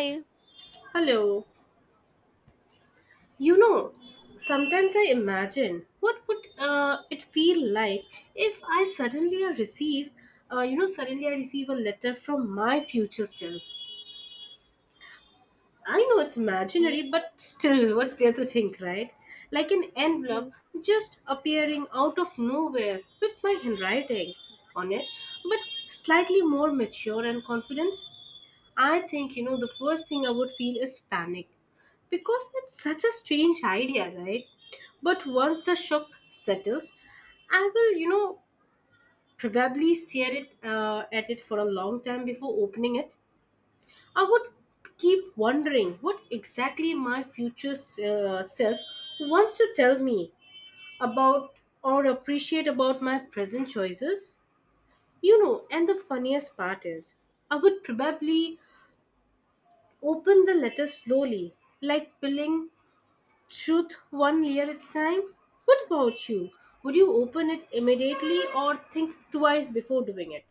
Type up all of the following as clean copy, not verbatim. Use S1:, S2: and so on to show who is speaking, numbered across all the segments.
S1: I-
S2: Hello. You know, Sometimes I imagine what would it feel like if I suddenly receive, suddenly I receive a letter from my future self. I know it's imaginary, but still, what's there to think, right? Like an envelope
S1: Mhm.
S2: just appearing out of nowhere with my handwriting on it, but slightly more mature and confident. I think, the first thing I would feel is panic because it's such a strange idea, right? But once the shock settles, I will, probably stare it at it for a long time before opening it. I would keep wondering what exactly my future self wants to tell me about or appreciate about my present choices. And the funniest part is, I would probably open the letter slowly, like peeling truth one layer at a time. What about you? Would you open it immediately or think twice before doing it?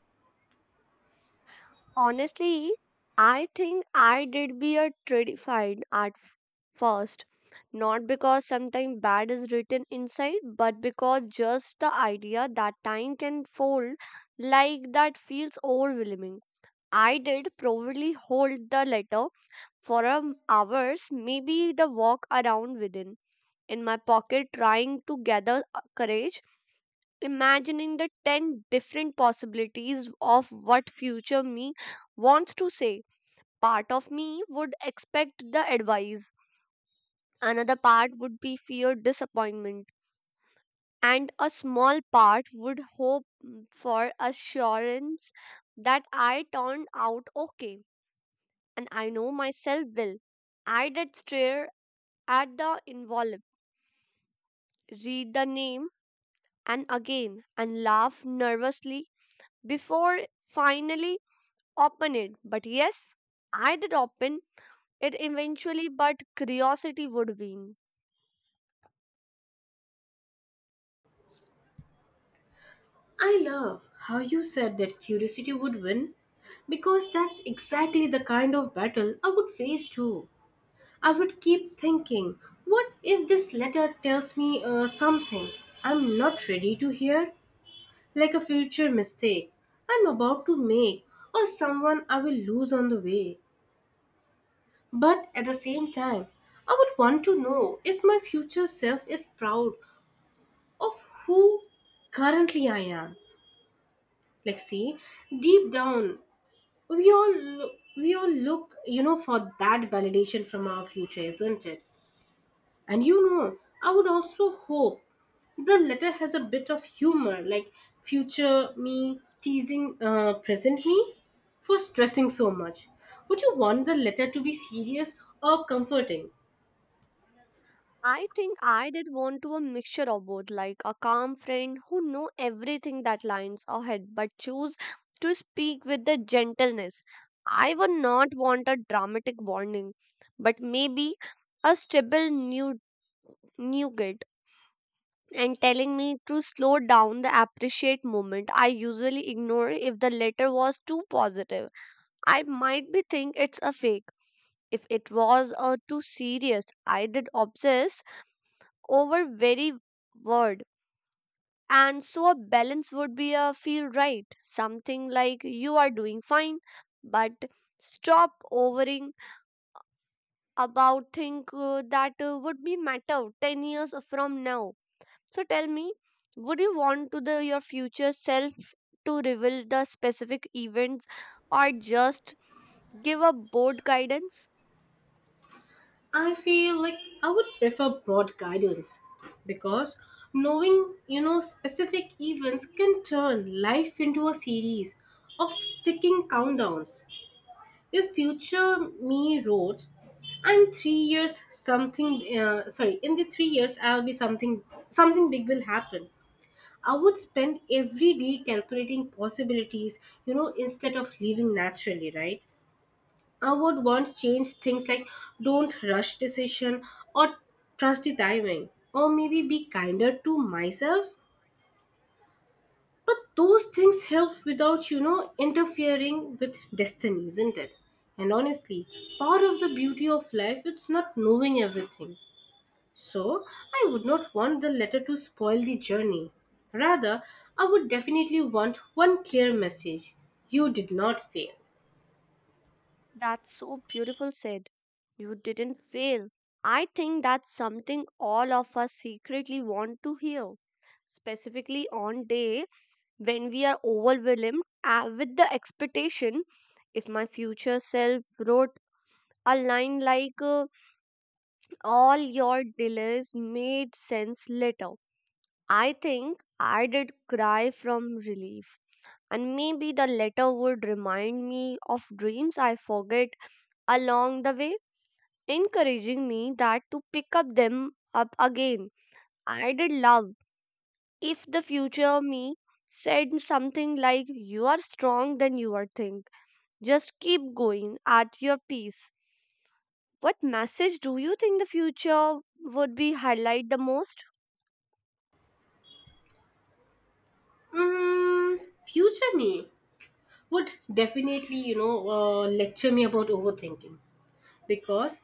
S1: Honestly, I think I did be a terrified at first, not because sometimes bad is written inside, but because just the idea that time can fold like that feels overwhelming. I did probably hold the letter for a hours, maybe the walk around within in my pocket, trying to gather courage imagining the 10 different possibilities of what future me wants to say. Part of me would expect the advice, another part would be fear disappointment, and a small part would hope for assurance that I turned out okay and I know myself well. I did stare at the envelope, read the name and again, and laugh nervously before finally open it. But yes, I did open it eventually, but curiosity would win.
S2: I love how you said that curiosity would win because that's exactly the kind of battle I would face too. I would keep thinking, what if this letter tells me something I'm not ready to hear? Like a future mistake I'm about to make or someone I will lose on the way. But at the same time, I would want to know if my future self is proud of who currently I am. Like, see, deep down, we all lo- we all look, for that validation from our future, isn't it? And I would also hope the letter has a bit of humor, like future me teasing present me for stressing so much. Would you want the letter to be serious or comforting?
S1: I think I did want to a mixture of both, like a calm friend who know everything that lines ahead, but choose to speak with the gentleness. I would not want a dramatic warning, but maybe a stable new nougat and telling me to slow down the appreciate moment I usually ignore if the letter was too positive. I might be think it's a fake. If it was too serious, I did obsess over very word. And so a balance would be a feel right. Something like you are doing fine, but stop overing about think that would be matter 10 years from now. So tell me, would you want to the your future self to reveal the specific events or just give a board guidance?
S2: I feel like I would prefer broad guidance because knowing, specific events can turn life into a series of ticking countdowns. If future me wrote, "I'm 3 years something," sorry, in the 3 years I'll be something. Something big will happen. I would spend every day calculating possibilities, instead of living naturally, right? I would want change things like don't rush decision or trust the timing or maybe be kinder to myself. But those things help without, interfering with destiny, isn't it? And honestly, part of the beauty of life it's not knowing everything. So I would not want the letter to spoil the journey. Rather, I would definitely want one clear message. You did not fail.
S1: That's so beautiful said. You didn't fail. I think that's something all of us secretly want to hear, specifically on day when we are overwhelmed with the expectation. If my future self wrote a line like all your delays made sense later, I think I did cry from relief, and maybe the letter would remind me of dreams I forget along the way, encouraging me that to pick up them up again. I did love if the future me said something like you are strong than you are think. Just keep going at your pace. What message do you think the future would be highlight the most?
S2: Mm, Future me would definitely lecture me about overthinking because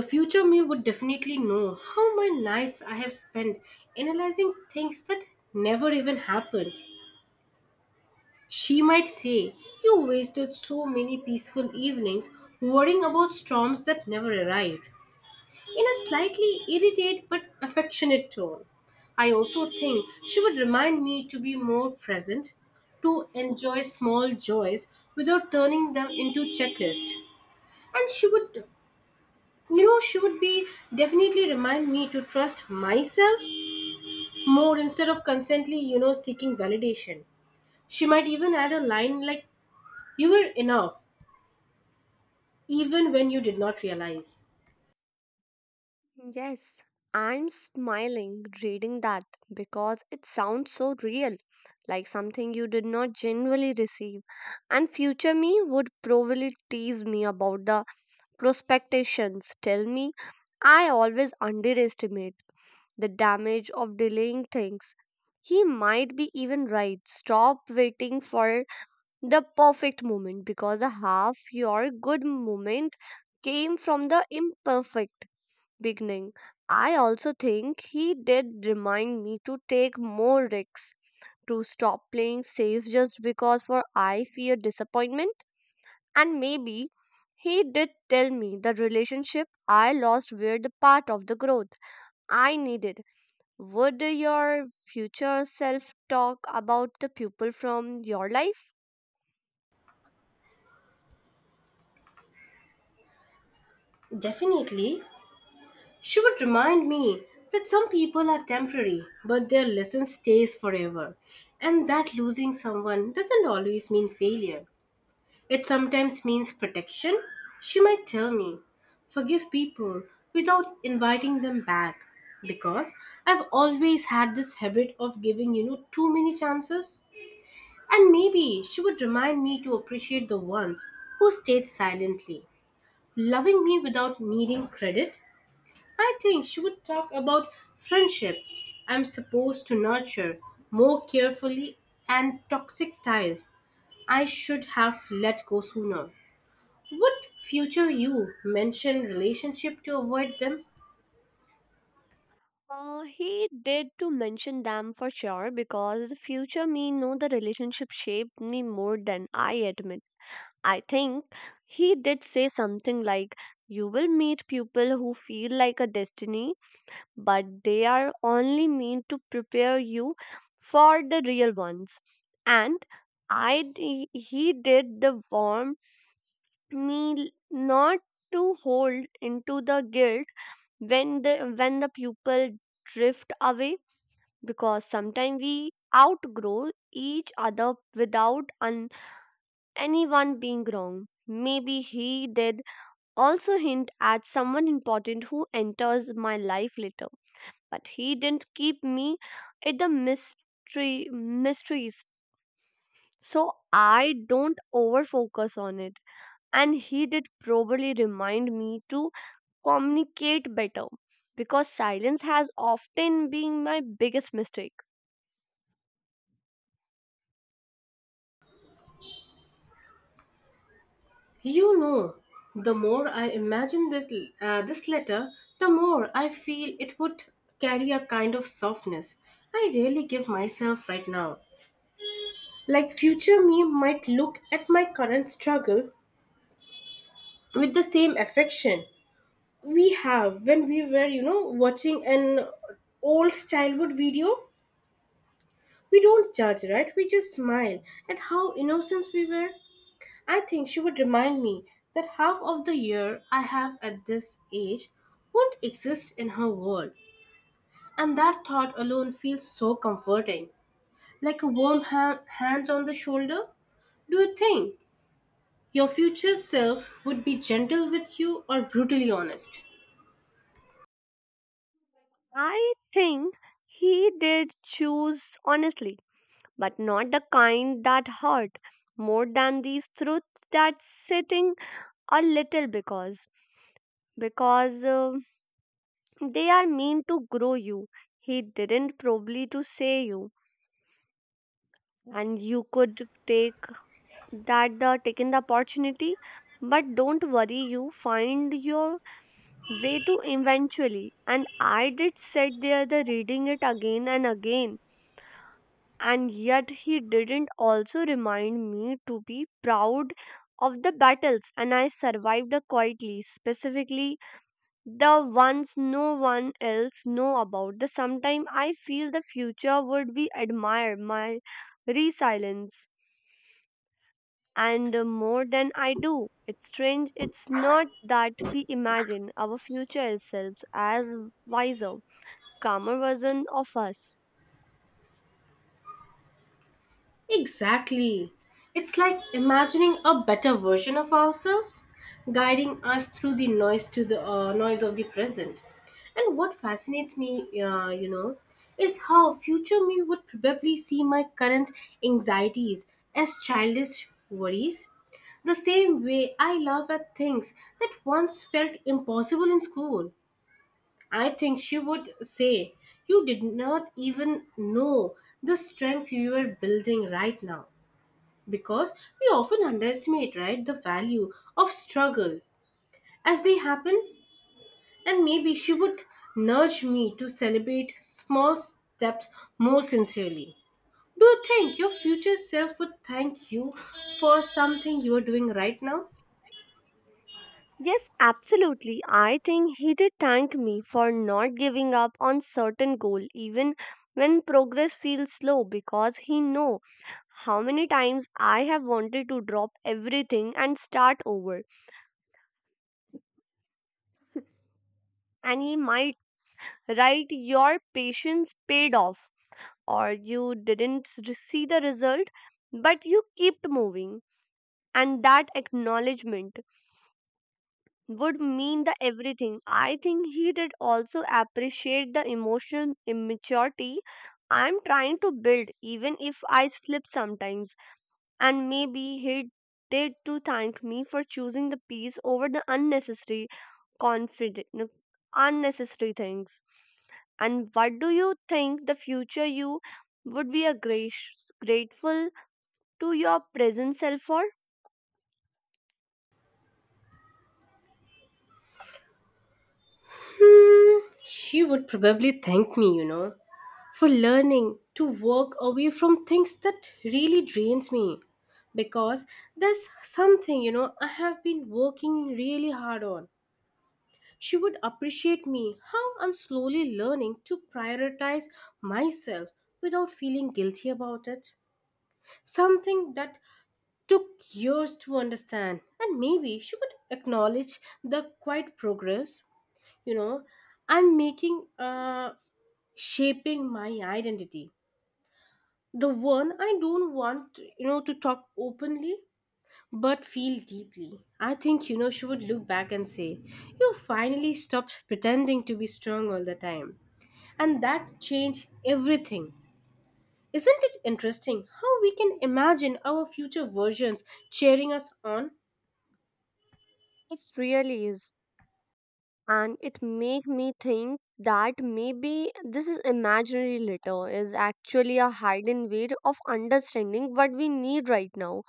S2: the future me would definitely know how my nights I have spent analyzing things that never even happened. She might say, you wasted so many peaceful evenings worrying about storms that never arrived, in a slightly irritated but affectionate tone. I also think she would remind me to be more present, to enjoy small joys without turning them into checklists. And she would you know she would be definitely remind me to trust myself more instead of constantly seeking validation. She might even add a line like, you were enough even when you did not realize.
S1: Yes, I'm smiling reading that because it sounds so real, like something you did not genuinely receive. And future me would probably tease me about the prospectations, tell me I always underestimate the damage of delaying things. He might be even right. Stop waiting for the perfect moment because a half your good moment came from the imperfect beginning. I also think he did remind me to take more risks, to stop playing safe just because for I fear disappointment. And maybe he did tell me the relationship I lost were the part of the growth I needed. Would your future self talk about the people from your life?
S2: Definitely, she would remind me that some people are temporary, but their lesson stays forever, and that losing someone doesn't always mean failure. It sometimes means protection. She might tell me, forgive people without inviting them back, because I've always had this habit of giving, too many chances. And maybe she would remind me to appreciate the ones who stayed silently, loving me without needing credit. I think she would talk about friendships I'm supposed to nurture more carefully and toxic ties I should have let go sooner. Would future you mention relationship to avoid them?
S1: He did to mention them for sure because the future me know the relationship shaped me more than I admit. I think he did say something like, you will meet people who feel like a destiny, but they are only meant to prepare you for the real ones. And he did the warm me not to hold into the guilt when the people drift away because sometimes we outgrow each other without anyone being wrong. Maybe he did also hint at someone important who enters my life later. But he didn't keep me at the mystery mysteries. So I don't overfocus on it. And he did probably remind me to communicate better because silence has often been my biggest mistake.
S2: You know, the more I imagine this letter, the more I feel it would carry a kind of softness I really give myself right now. Like future me might look at my current struggle with the same affection we have when we were watching an old childhood video. We don't judge, right? We just smile at how innocent we were. I think she would remind me that half of the year I have at this age won't exist in her world, and that thought alone feels so comforting, like a warm hand on the shoulder. Do you think your future self would be gentle with you or brutally honest?
S1: I think he did choose honestly, but not the kind that hurt more than these truths that sitting a little because they are meant to grow you. He didn't probably to say you and you could take that the taken the opportunity, but don't worry you find your way to eventually. And I did sit there the reading it again and again. And yet he didn't also remind me to be proud of the battles and I survived quietly, specifically the ones no one else know about. The sometime I feel the future would be admire my resilience and more than I do. It's strange it's not that we imagine our future selves as wiser, calmer version of us.
S2: Exactly. It's like imagining a better version of ourselves, guiding us through the noise to the noise of the present. And what fascinates me, is how future me would probably see my current anxieties as childish worries, the same way I laugh at things that once felt impossible in school. I think she would say, you did not even know the strength you are building right now, because we often underestimate right the value of struggle as they happen. And maybe she would nudge me to celebrate small steps more sincerely. Do you think your future self would thank you for something you are doing right now?
S1: Yes, absolutely. I think he did thank me for not giving up on certain goal even when progress feels slow because he know how many times I have wanted to drop everything and start over. And he might write your patience paid off or you didn't see the result but you kept moving, and that acknowledgement would mean the everything. I think he did also appreciate the emotional immaturity I'm trying to build, even if I slip sometimes. And maybe he did to thank me for choosing the peace over the unnecessary confident unnecessary things. And what do you think the future you would be a grace, grateful to your present self for?
S2: Hmm, she would probably thank me for learning to walk away from things that really drains me, because there's something I have been working really hard on. She would appreciate me how I'm slowly learning to prioritize myself without feeling guilty about it. Something that took years to understand, and maybe she would acknowledge the quiet progress, you know, I'm making, shaping my identity. The one I don't want, to talk openly but feel deeply. I think, she would look back and say, you finally stopped pretending to be strong all the time, and that changed everything. Isn't it interesting how we can imagine our future versions cheering us on?
S1: It really is. And it make me think that maybe this is imaginary litter is actually a hidden way of understanding what we need right now,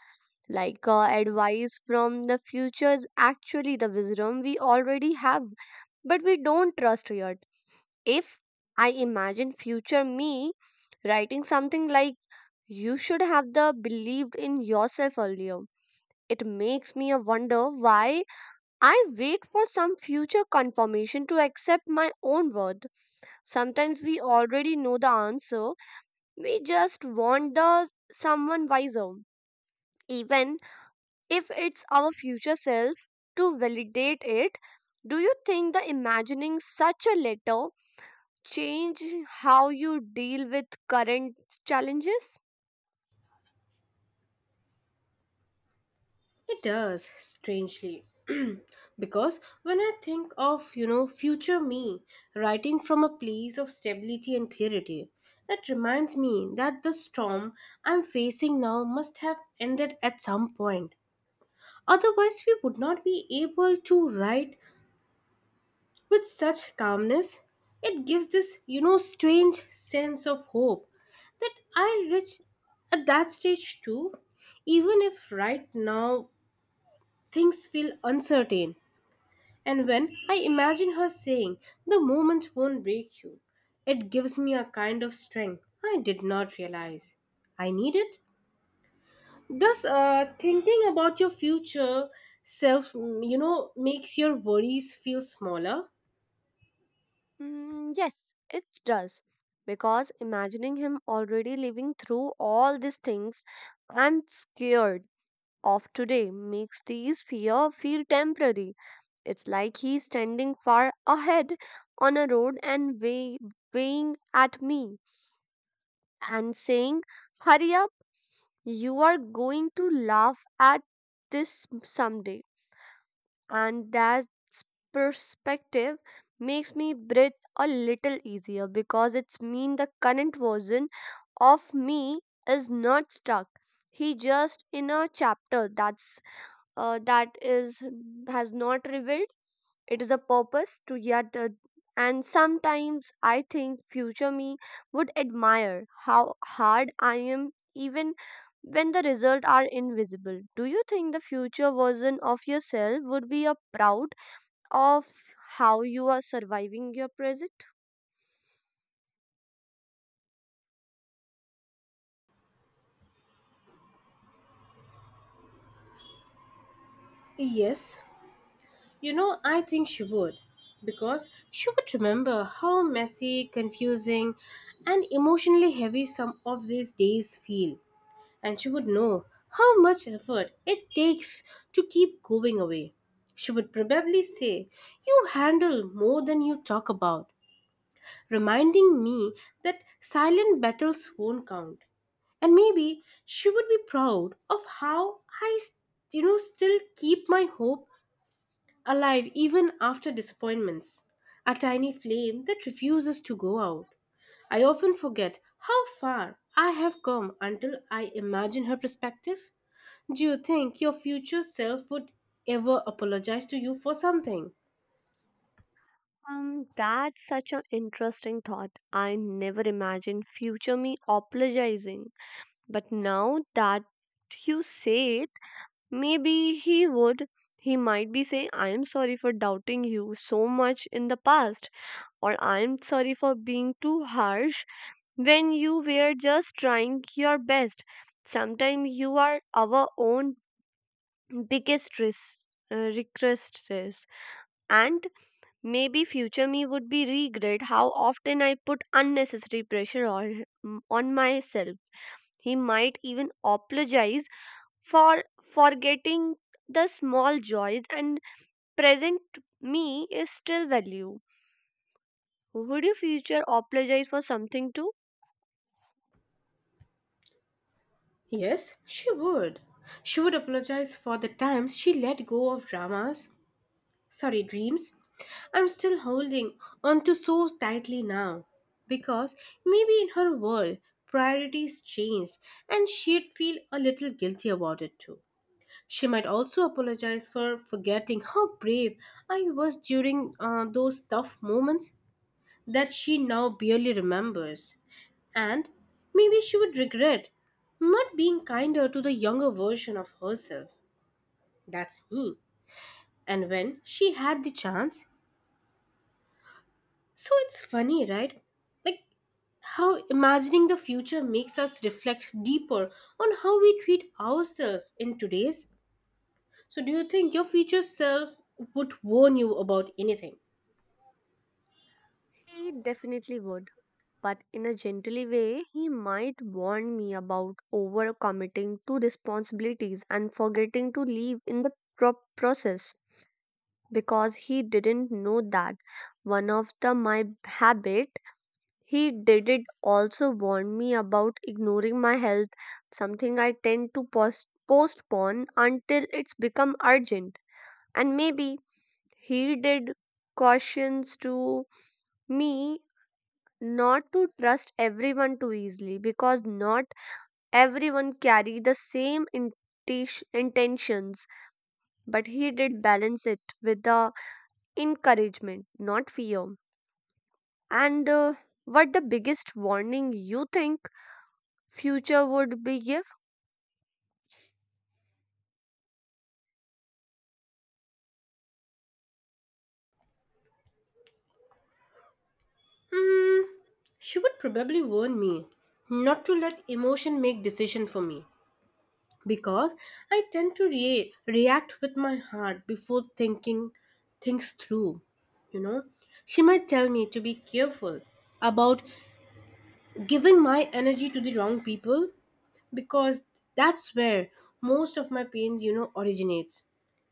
S1: like advice from the future is actually the wisdom we already have but we don't trust yet. If I imagine future me writing something like you should have the believed in yourself earlier, it makes me a wonder why I wait for some future confirmation to accept my own word. Sometimes we already know the answer, we just want the someone wiser, even if it's our future self, to validate it. Do you think the imagining such a letter change how you deal with current challenges?
S2: It does, strangely. Because when I think of, future me writing from a place of stability and clarity, it reminds me that the storm I'm facing now must have ended at some point. Otherwise, we would not be able to write with such calmness. It gives this, strange sense of hope that I'll reach at that stage too, even if right now things feel uncertain. And when I imagine her saying, the moment won't break you, it gives me a kind of strength I did not realize I need it. Thus, thinking about your future self, makes your worries feel smaller.
S1: Mm, yes, it does. Because imagining him already living through all these things, I'm scared of today makes these fear feel temporary. It's like he's standing far ahead on a road and wave, waving at me and saying, hurry up, you are going to laugh at this someday. And that perspective makes me breathe a little easier because it's mean the current version of me is not stuck. He just in a chapter that is has not revealed it is a purpose to yet. And sometimes I think future me would admire how hard I am even when the results are invisible. Do you think the future version of yourself would be a proud of how you are surviving your present?
S2: Yes. I think she would, because she would remember how messy, confusing, and emotionally heavy some of these days feel, and she would know how much effort it takes to keep going away. She would probably say, you handle more than you talk about, reminding me that silent battles won't count. And maybe she would be proud of how I still keep my hope alive even after disappointments. A tiny flame that refuses to go out. I often forget how far I have come until I imagine her perspective. Do you think your future self would ever apologize to you for something?
S1: That's such an interesting thought. I never imagined future me apologizing. But now that you say it, maybe he would. He might be saying, I am sorry for doubting you so much in the past, or I am sorry for being too harsh when you were just trying your best. Sometimes you are our own biggest risk. Requesters and maybe future me would be regret how often I put unnecessary pressure on myself. He might even apologize for forgetting the small joys and present me is still value. Would your future apologize for something too?
S2: Yes, she would. She would apologize for the times she let go of dreams, I'm still holding on to so tightly now. Because maybe in her world, priorities changed and she'd feel a little guilty about it too. She might also apologize for forgetting how brave I was during those tough moments that she now barely remembers. And maybe she would regret not being kinder to the younger version of herself. That's me. And when she had the chance, so it's funny, right? Like how imagining the future makes us reflect deeper on how we treat ourselves in today's. So, do you think your future self would warn you about anything?
S1: He definitely would, but in a gently way, he might warn me about overcommitting to responsibilities and forgetting to leave in the process because he didn't know that one of the my habit. He did it also warn me about ignoring my health, something I tend to postpone until it's become urgent. And maybe he did cautions to me not to trust everyone too easily because not everyone carry the same intentions, but he did balance it with the encouragement not fear. And what the biggest warning you think future would be give?
S2: Hmm, she would probably warn me not to let emotion make decision for me, because I tend to react with my heart before thinking things through. You know, she might tell me to be careful about giving my energy to the wrong people, because that's where most of my pain originates.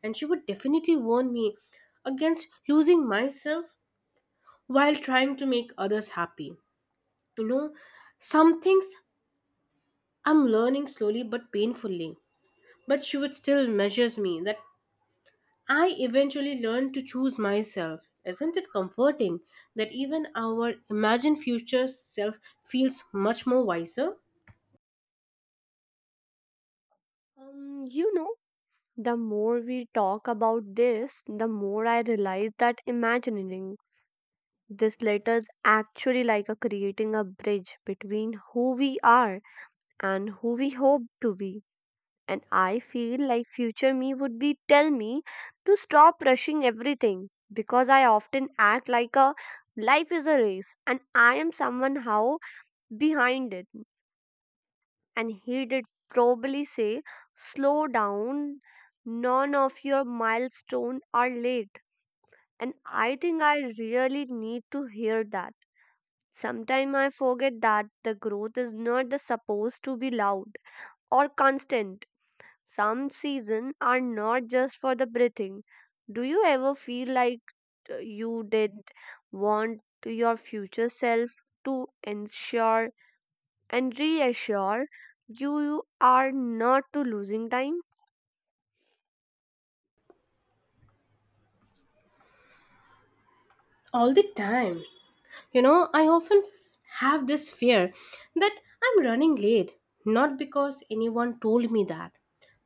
S2: And she would definitely warn me against losing myself while trying to make others happy. you know some things I'm learning slowly but painfully, but she would still measures me that I eventually learn to choose myself. Isn't it comforting that even our imagined future self feels much more wiser?
S1: Um, you know the more we talk about this, the more I realize that imagining this letters actually like a creating a bridge between who we are and who we hope to be. And I feel like future me would be tell me to stop rushing everything because I often act like a life is a race and I am somehow behind it. And he did probably say, slow down, none of your milestones are late. And I think I really need to hear that. Sometimes I forget that the growth is not the supposed to be loud or constant. Some seasons are not just for the breathing. Do you ever feel like you did want your future self to ensure and reassure you you are not to losing time?
S2: All the time. You know, I often have this fear that I'm running late, not because anyone told me that,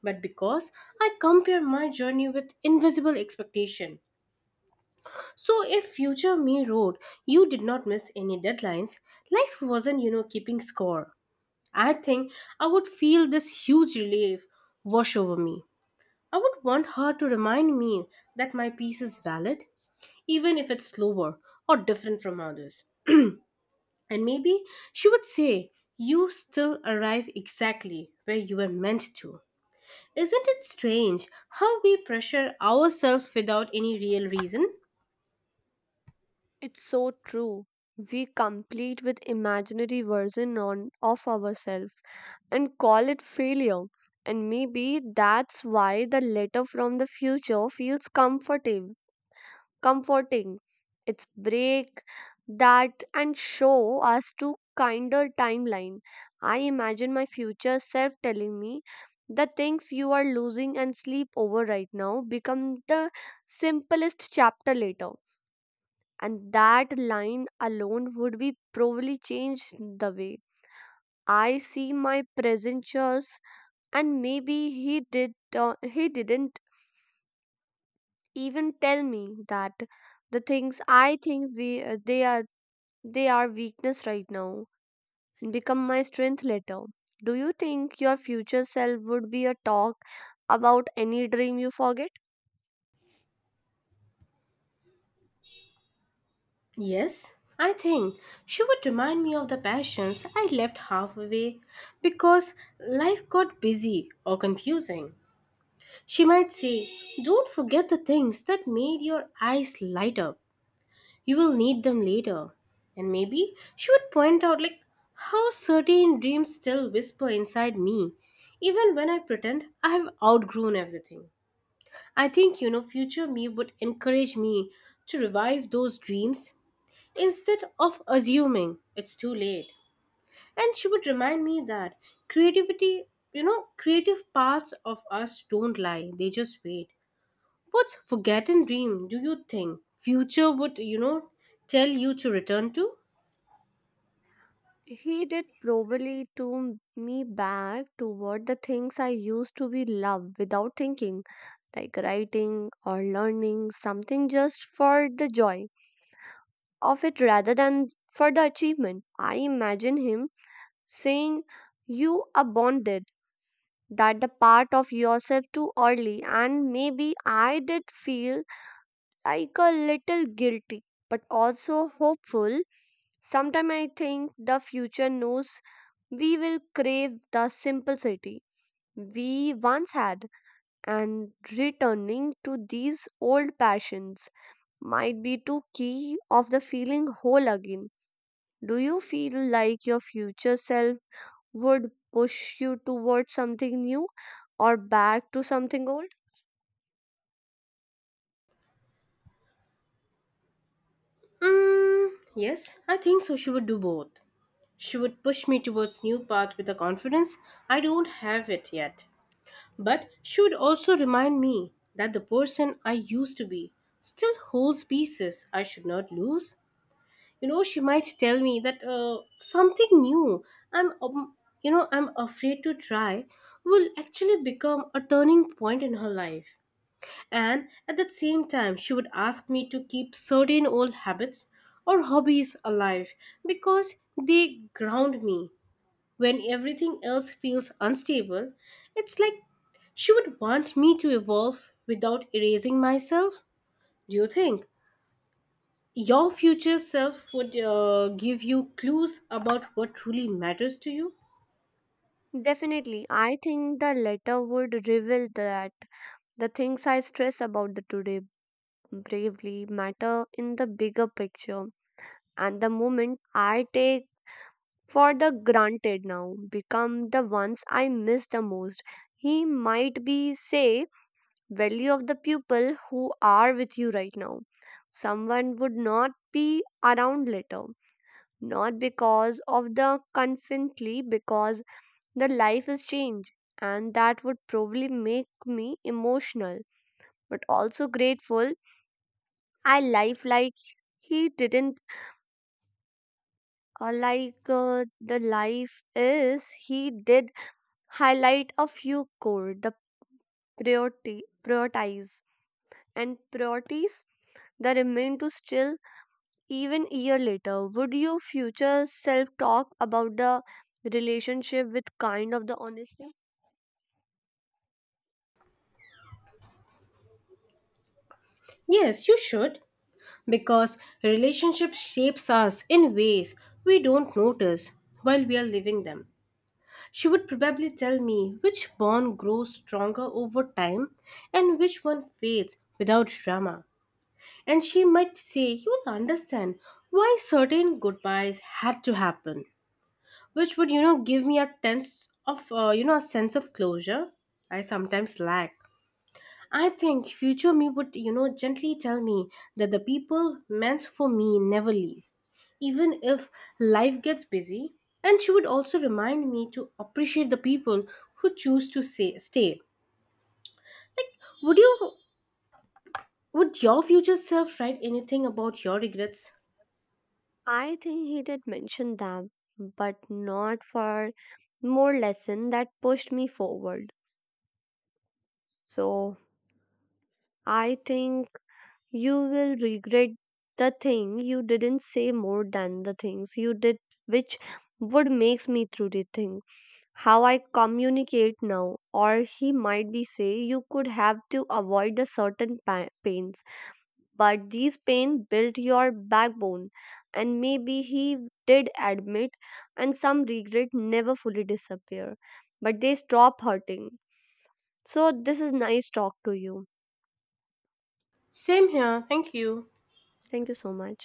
S2: but because I compare my journey with invisible expectation. So if future me wrote, you did not miss any deadlines, life wasn't, keeping score. I think I would feel this huge relief wash over me. I would want her to remind me that my piece is valid, even if it's slower or different from others. And maybe she would say, you still arrive exactly where you were meant to. Isn't it strange how we pressure ourselves without any real reason?
S1: It's so true. We complete with imaginary version on of ourselves and call it failure. And maybe that's why the letter from the future feels comforting. Comforting. It's break that and show us to kinder timeline. I imagine my future self telling me the things you are losing and sleep over right now become the simplest chapter later. And that line alone would be probably changed the way I see my present years. And maybe he did he didn't even tell me that the things I think we they are weakness right now and become my strength later. Do you think your future self would be a talk about any dream you forget?
S2: Yes, I think she would remind me of the passions I left halfway because life got busy or confusing. She might say, don't forget the things that made your eyes light up. You will need them later. And maybe she would point out, like, how certain dreams still whisper inside me, even when I pretend I have outgrown everything. I think, future me would encourage me to revive those dreams instead of assuming it's too late. And she would remind me that creativity, creative parts of us don't lie, they just wait. What's forgotten dream do you think future would, tell you to return to?
S1: He did probably to me back toward the things I used to be love without thinking, like writing or learning something just for the joy of it rather than for the achievement. I imagine him saying, you are bonded that the part of yourself too early, and maybe I did feel like a little guilty, but also hopeful. Sometimes I think the future knows we will crave the simplicity we once had, and returning to these old passions might be too key of the feeling whole again. Do you feel like your future self would push you towards something new or back to something old?
S2: Mm, yes, I think so. She would do both. She would push me towards new path with a confidence I don't have it yet. But she would also remind me that the person I used to be still holds pieces I should not lose. You know, she might tell me that something new I'm, um, I'm afraid to try will actually become a turning point in her life. And at the same time, she would ask me to keep certain old habits or hobbies alive because they ground me. When everything else feels unstable, it's like she would want me to evolve without erasing myself. Do you think your future self would give you clues about what truly matters to you?
S1: Definitely, I think the letter would reveal that the things I stress about the today bravely matter in the bigger picture. And the moment I take for the granted now become the ones I miss the most. He might be say value of the people who are with you right now. Someone would not be around later, not because of the confidently, because the life is changed, and that would probably make me emotional, but also grateful. I life like he didn't, or like the life is he did highlight a few core the priority prioritize and priorities the remain to still even year later. Would your future self talk about the relationship with kind of the honesty?
S2: Yes, you should. Because relationship shapes us in ways we don't notice while we are living them. She would probably tell me which bond grows stronger over time and which one fades without drama. And she might say, you'll understand why certain goodbyes had to happen, which would, give me a tense of, you know, a sense of closure I sometimes lack. I think future me would, gently tell me that the people meant for me never leave, even if life gets busy. And she would also remind me to appreciate the people who choose to say, stay. Like, would you, would your future self write anything about your regrets?
S1: I think he did mention them but not for more lesson that pushed me forward. So I think you will regret the thing you didn't say more than the things you did, which would makes me truly think how I communicate now. Or he might be say you could have to avoid the certain pains, but these pain built your backbone, and maybe he did admit, and some regret never fully disappear, but they stop hurting. So this is nice talk to you.
S2: Same here. Thank you.
S1: Thank you so much.